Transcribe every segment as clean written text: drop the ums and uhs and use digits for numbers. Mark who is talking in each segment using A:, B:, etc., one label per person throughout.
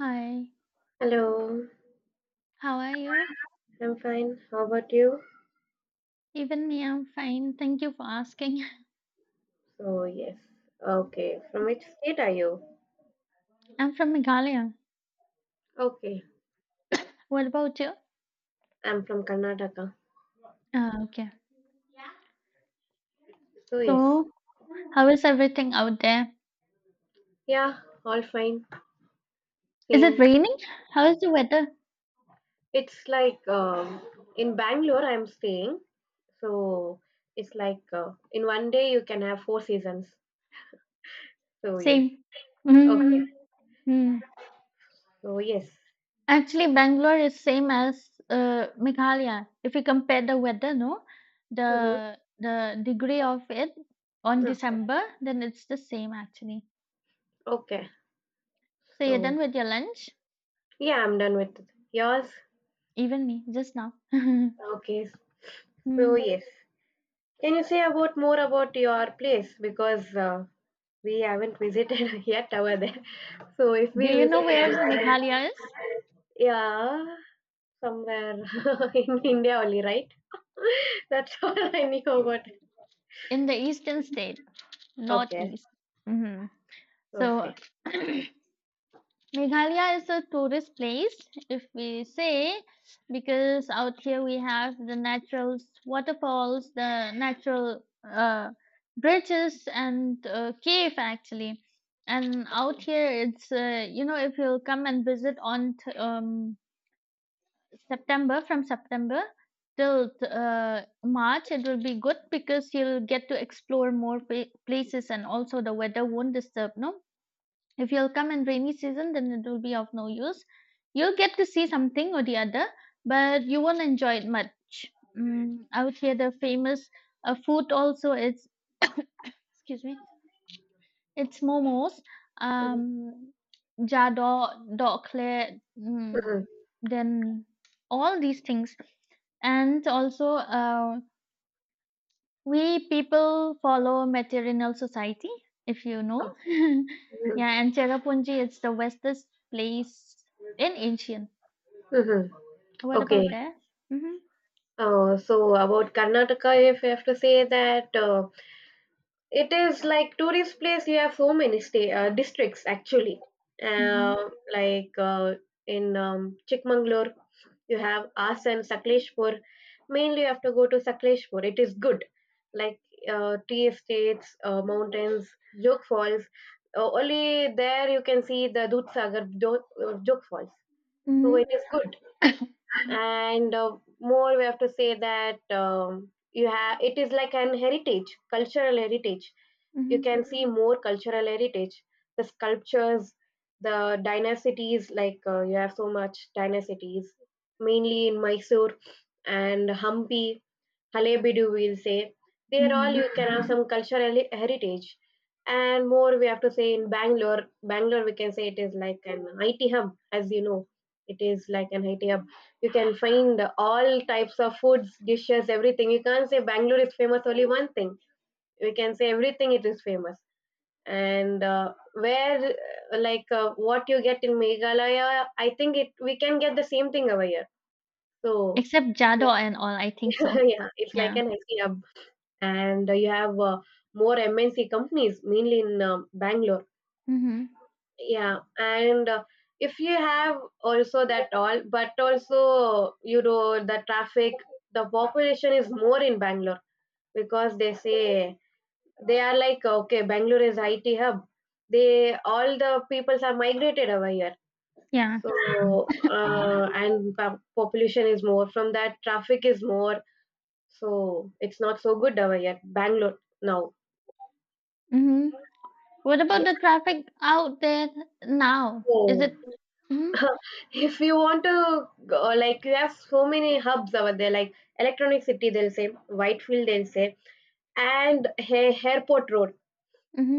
A: Hi,
B: Hello,
A: how are you?
B: I'm fine. How about you?
A: Even me, I'm fine. Thank you for asking.
B: So, yes. Okay, from which state are you?
A: I'm from Meghalaya.
B: Okay,
A: What about you?
B: I'm from Karnataka.
A: Ah, okay.
B: So, yes.
A: So, how is everything out there?
B: Yeah, all fine.
A: Is it
B: Same.
A: raining? How is the weather?
B: It's like In Bangalore, I'm staying. So, it's like in 1 day you can have 4 seasons. So,
A: Same.
B: yes. Okay.
A: mm mm.
B: So, yes.
A: Actually, Bangalore is same as Meghalaya. If you compare the weather, no,
B: Mm-hmm.
A: the degree of it on
B: Okay.
A: December, then it's the same actually.
B: Okay.
A: So you're
B: So,
A: done with your lunch?
B: yeah, I'm done with. Yours?
A: Even me, just now.
B: Okay. So,
A: Hmm.
B: yes. Can you say about more about your place? Because we haven't visited yet over there. So if
A: Do
B: we
A: you know
B: visit in
A: where
B: Japan,
A: Meghalaya is?
B: yeah, somewhere in India only, right? That's all I knew about it.
A: In the eastern state, not
B: Okay,
A: east. hmm So,
B: okay.
A: Meghalaya is a tourist place, if we say, because out here we have the natural waterfalls, the natural uh, bridges, and cave actually. And out here, it's if you'll come and visit on September, from September till March, it will be good because you'll get to explore more places and also the weather won't disturb. No, if you'll come in rainy season, then it will be of no use. You'll get to see something or the other, but you won't enjoy it much. Out here, the famous food also is excuse me it's momos,
B: Mhm,
A: um, jado, dokle,
B: mhm.
A: then all these things. And also, we people follow material society, if you know.
B: Okay. Mhm,
A: Yeah, and Cherrapunji is the westest place in Asian.
B: mhm.
A: What
B: Okay.
A: about that? Mm-hmm.
B: So about Karnataka, if I have to say that. It is like tourist place. You have so many state districts actually.
A: Mm-hmm.
B: Uh, like in Chikmagalur, you have Asan, Sakleshpur. Mainly, you have to go to Sakleshpur. It is good, like tea estates, mountains, Jog Falls. Only there you can see the Dudhsagar Jog, Jog Falls. So it
A: Mm-hmm.
B: is good, and more we have to say that you have. It is like an heritage, cultural heritage. You
A: Mm-hmm.
B: can see more cultural heritage, the sculptures, the dynasties. You have so much dynasties mainly in Mysore and Hampi, Halebidu we'll say. There all
A: Mm-hmm.
B: you can have some cultural heritage. And more we have to say in Bangalore. Bangalore we can say it is like an IT hub, as you know. It is like an IT hub. You can find all types of foods, dishes, everything. You can't say Bangalore is famous only one thing. We can say everything it is famous. And where like what you get in Meghalaya, I think it we can get the same thing over here. So
A: Except Jado
B: it's
A: and all, I think
B: like,
A: so.
B: yeah, it's like
A: Yeah.
B: an IT hub. And you have more MNC companies mainly in Bangalore.
A: Mm-hmm.
B: Yeah, and if you have also that all, but also you know the traffic, the population is more in Bangalore. Because they say they are like okay, Bangalore is IT hub, they all the peoples are migrated over here.
A: Yeah.
B: So and population is more, from that traffic is more. So it's not so good over here, Bangalore now.
A: Mm-hmm. What about
B: Yes.
A: the traffic out there now? Is
B: So,
A: it mhm,
B: if you want to go, like you have so many hubs over there, like Electronic City they'll say, Whitefield they'll say, and airport road.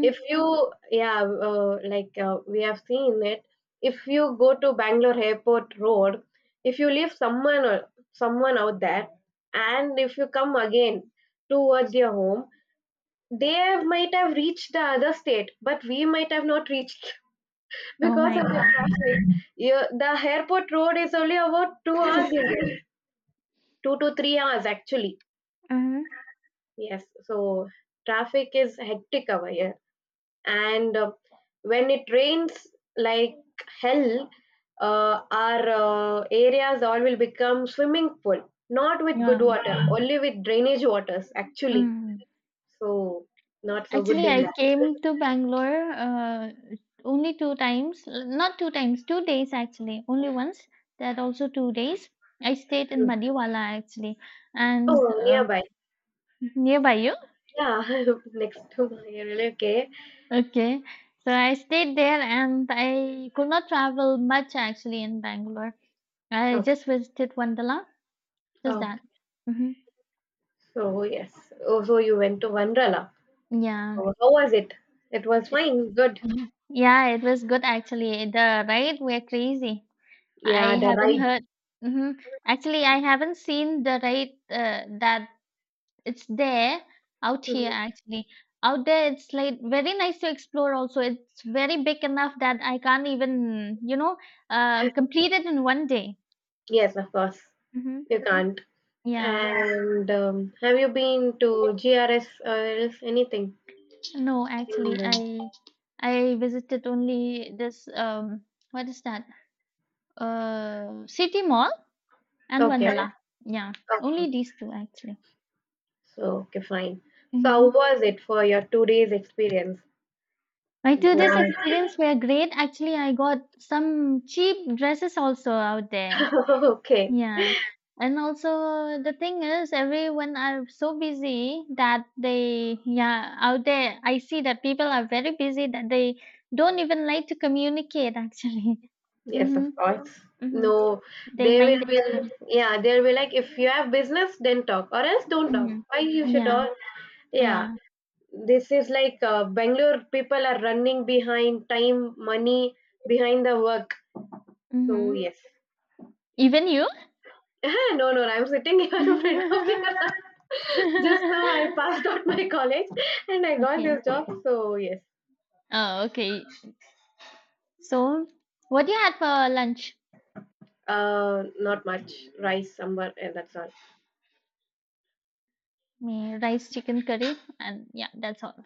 B: If you, yeah, we have seen it, if you go to Bangalore airport road, if you leave someone or someone out there, and if you come again towards your home, they might have reached the other state, but we might have not reached
A: Oh
B: because of
A: my
B: the
A: God.
B: traffic. You, the airport road is only about 2 hours in there. 2 to 3 hours actually.
A: Mhm.
B: Yes, so traffic is hectic over here. And when it rains like hell, our areas all will become swimming pool, not with good
A: Yeah.
B: water, only with drainage waters actually.
A: Mm.
B: So not so good
A: Actually,
B: in
A: I
B: that.
A: came to Bangalore only two times, not two times, 2 days actually, only once. That also 2 days. I stayed in Madiwala actually, and
B: Oh, nearby.
A: nearby you.
B: Yeah. Next to my area. Okay,
A: Okay. So I stayed there and I could not travel much actually in Bangalore. I
B: okay,
A: just visited Wandala, just that.
B: okay.
A: hmm
B: So yes. Oh, so you went to Vandrala. So
A: Yeah.
B: how was it? It was fine, good.
A: Mhm. Yeah, it was good actually. The ride were crazy. I
B: Yeah, the
A: haven't
B: ride.
A: heard. hmm Actually, I haven't seen the ride that it's there out here
B: Mhm.
A: actually. Out there, it's like very nice to explore also. It's very big enough that I can't even, you know, complete it in one day.
B: Yes, of course,
A: hmm
B: you can't.
A: Yeah.
B: And have you been to GRS or else anything?
A: No,
B: In
A: actually,
B: Bali?
A: I visited only this what is that? City Mall. And
B: Okay,
A: Vandala. Yeah, only
B: okay.
A: these two actually.
B: So, okay, fine. So, how
A: hmm
B: was it for your 2 days experience?
A: I to this
B: Was-
A: experience were great. Actually, I got some cheap dresses also out there.
B: okay,
A: Yeah. And also the thing is everyone are so busy that they yeah, out there I see that people are very busy that they don't even like to communicate actually.
B: yes,
A: Mm-hmm.
B: of course.
A: Mm-hmm.
B: No,
A: They
B: they
A: mind
B: will be,
A: their own business.
B: yeah, they'll be like, if you have business, then talk, or else don't talk.
A: Mm-hmm.
B: Why you should
A: Yeah.
B: all, yeah,
A: Yeah.
B: this is like Bangalore people are running behind time, money, behind the work. So,
A: Mm-hmm.
B: yes.
A: Even you?
B: No, no, I'm sitting here in front of you. Just now I passed out my college and I got
A: Okay.
B: this job. So yes,
A: Oh, okay. So, what do you had for lunch?
B: not much. Rice, sambar, and that's all.
A: Me rice, chicken curry, and yeah, that's all.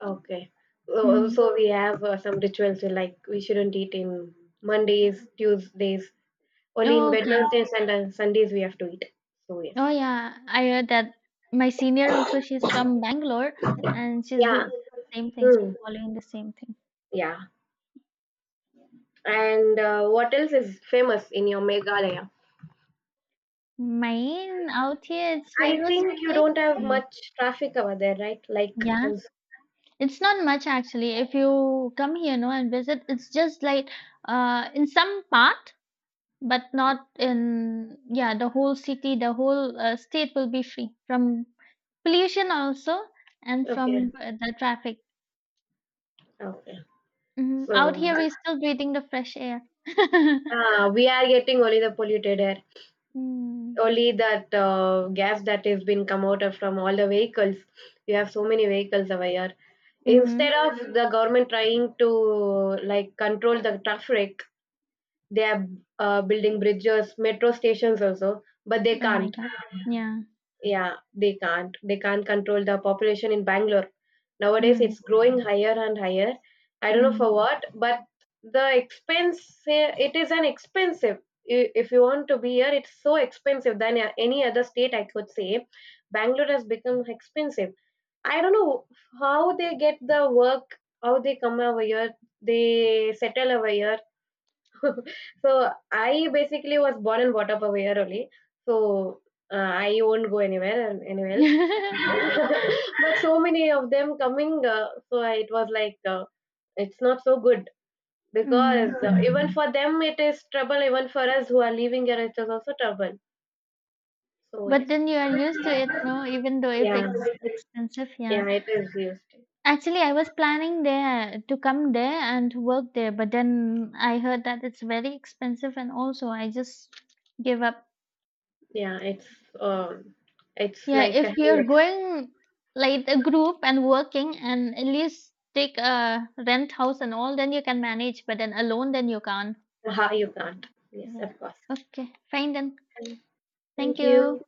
B: Okay. So,
A: hmm
B: so we have some rituals like we shouldn't eat in Mondays, Tuesdays, only in
A: Oh, okay.
B: Wednesdays and Sundays we have to eat. So yes.
A: Oh, yeah. I heard that my senior also, she's from Bangalore and she's doing
B: Yeah.
A: the same thing. She's
B: Hmm.
A: following the same thing.
B: Yeah. And what else is famous in your Meghalaya?
A: Main out here, it's
B: I
A: famous for
B: think you
A: place.
B: don't have
A: Only.
B: much traffic over there, right?
A: Yeah, it's not much actually. If you come here, no, and visit, it's just like in some part. But not in yeah the whole city the whole state will be free from pollution also and from
B: Okay,
A: the traffic.
B: okay.
A: Out
B: So,
A: here we're still breathing the fresh air.
B: we are getting only the polluted air,
A: Mm.
B: only that gas that has been come out of from all the vehicles. You have so many vehicles over here.
A: Mm-hmm.
B: Instead of the government trying to like control the traffic, they are building bridges, metro stations also, but they
A: Oh my
B: can't.
A: God. Yeah.
B: Yeah, they can't. They can't control the population in Bangalore. Nowadays,
A: Mm.
B: it's growing higher and higher. I don't know for
A: Mm.
B: what, but the expense, eh, it is an expensive. If you want to be here, it's so expensive than any other state, I could say. Bangalore has become expensive. I don't know how they get the work, how they come over here, they settle over here. So, I basically was born and brought up over here only. So, I won't go anywhere and anywhere else, but so many of them coming it was like it's not so good.
A: Mm-hmm.
B: Because even for them it is trouble, even for us who are leaving here it is also trouble. So
A: But
B: yes.
A: then you are used to it no even though if
B: yeah
A: it's expensive, yeah.
B: yeah it is used.
A: Actually, I was planning there to come there and work there, but then I heard that it's very expensive, and also I just gave up.
B: Yeah, it's um, it's
A: Yeah,
B: like a
A: if you're
B: hell.
A: going like a group and working, and at least take a rent house and all, then you can manage. But then alone, then you can't.
B: Ha, you can't. Yes,
A: Yeah.
B: of course.
A: Okay, fine then. Thank
B: Thank you.
A: you.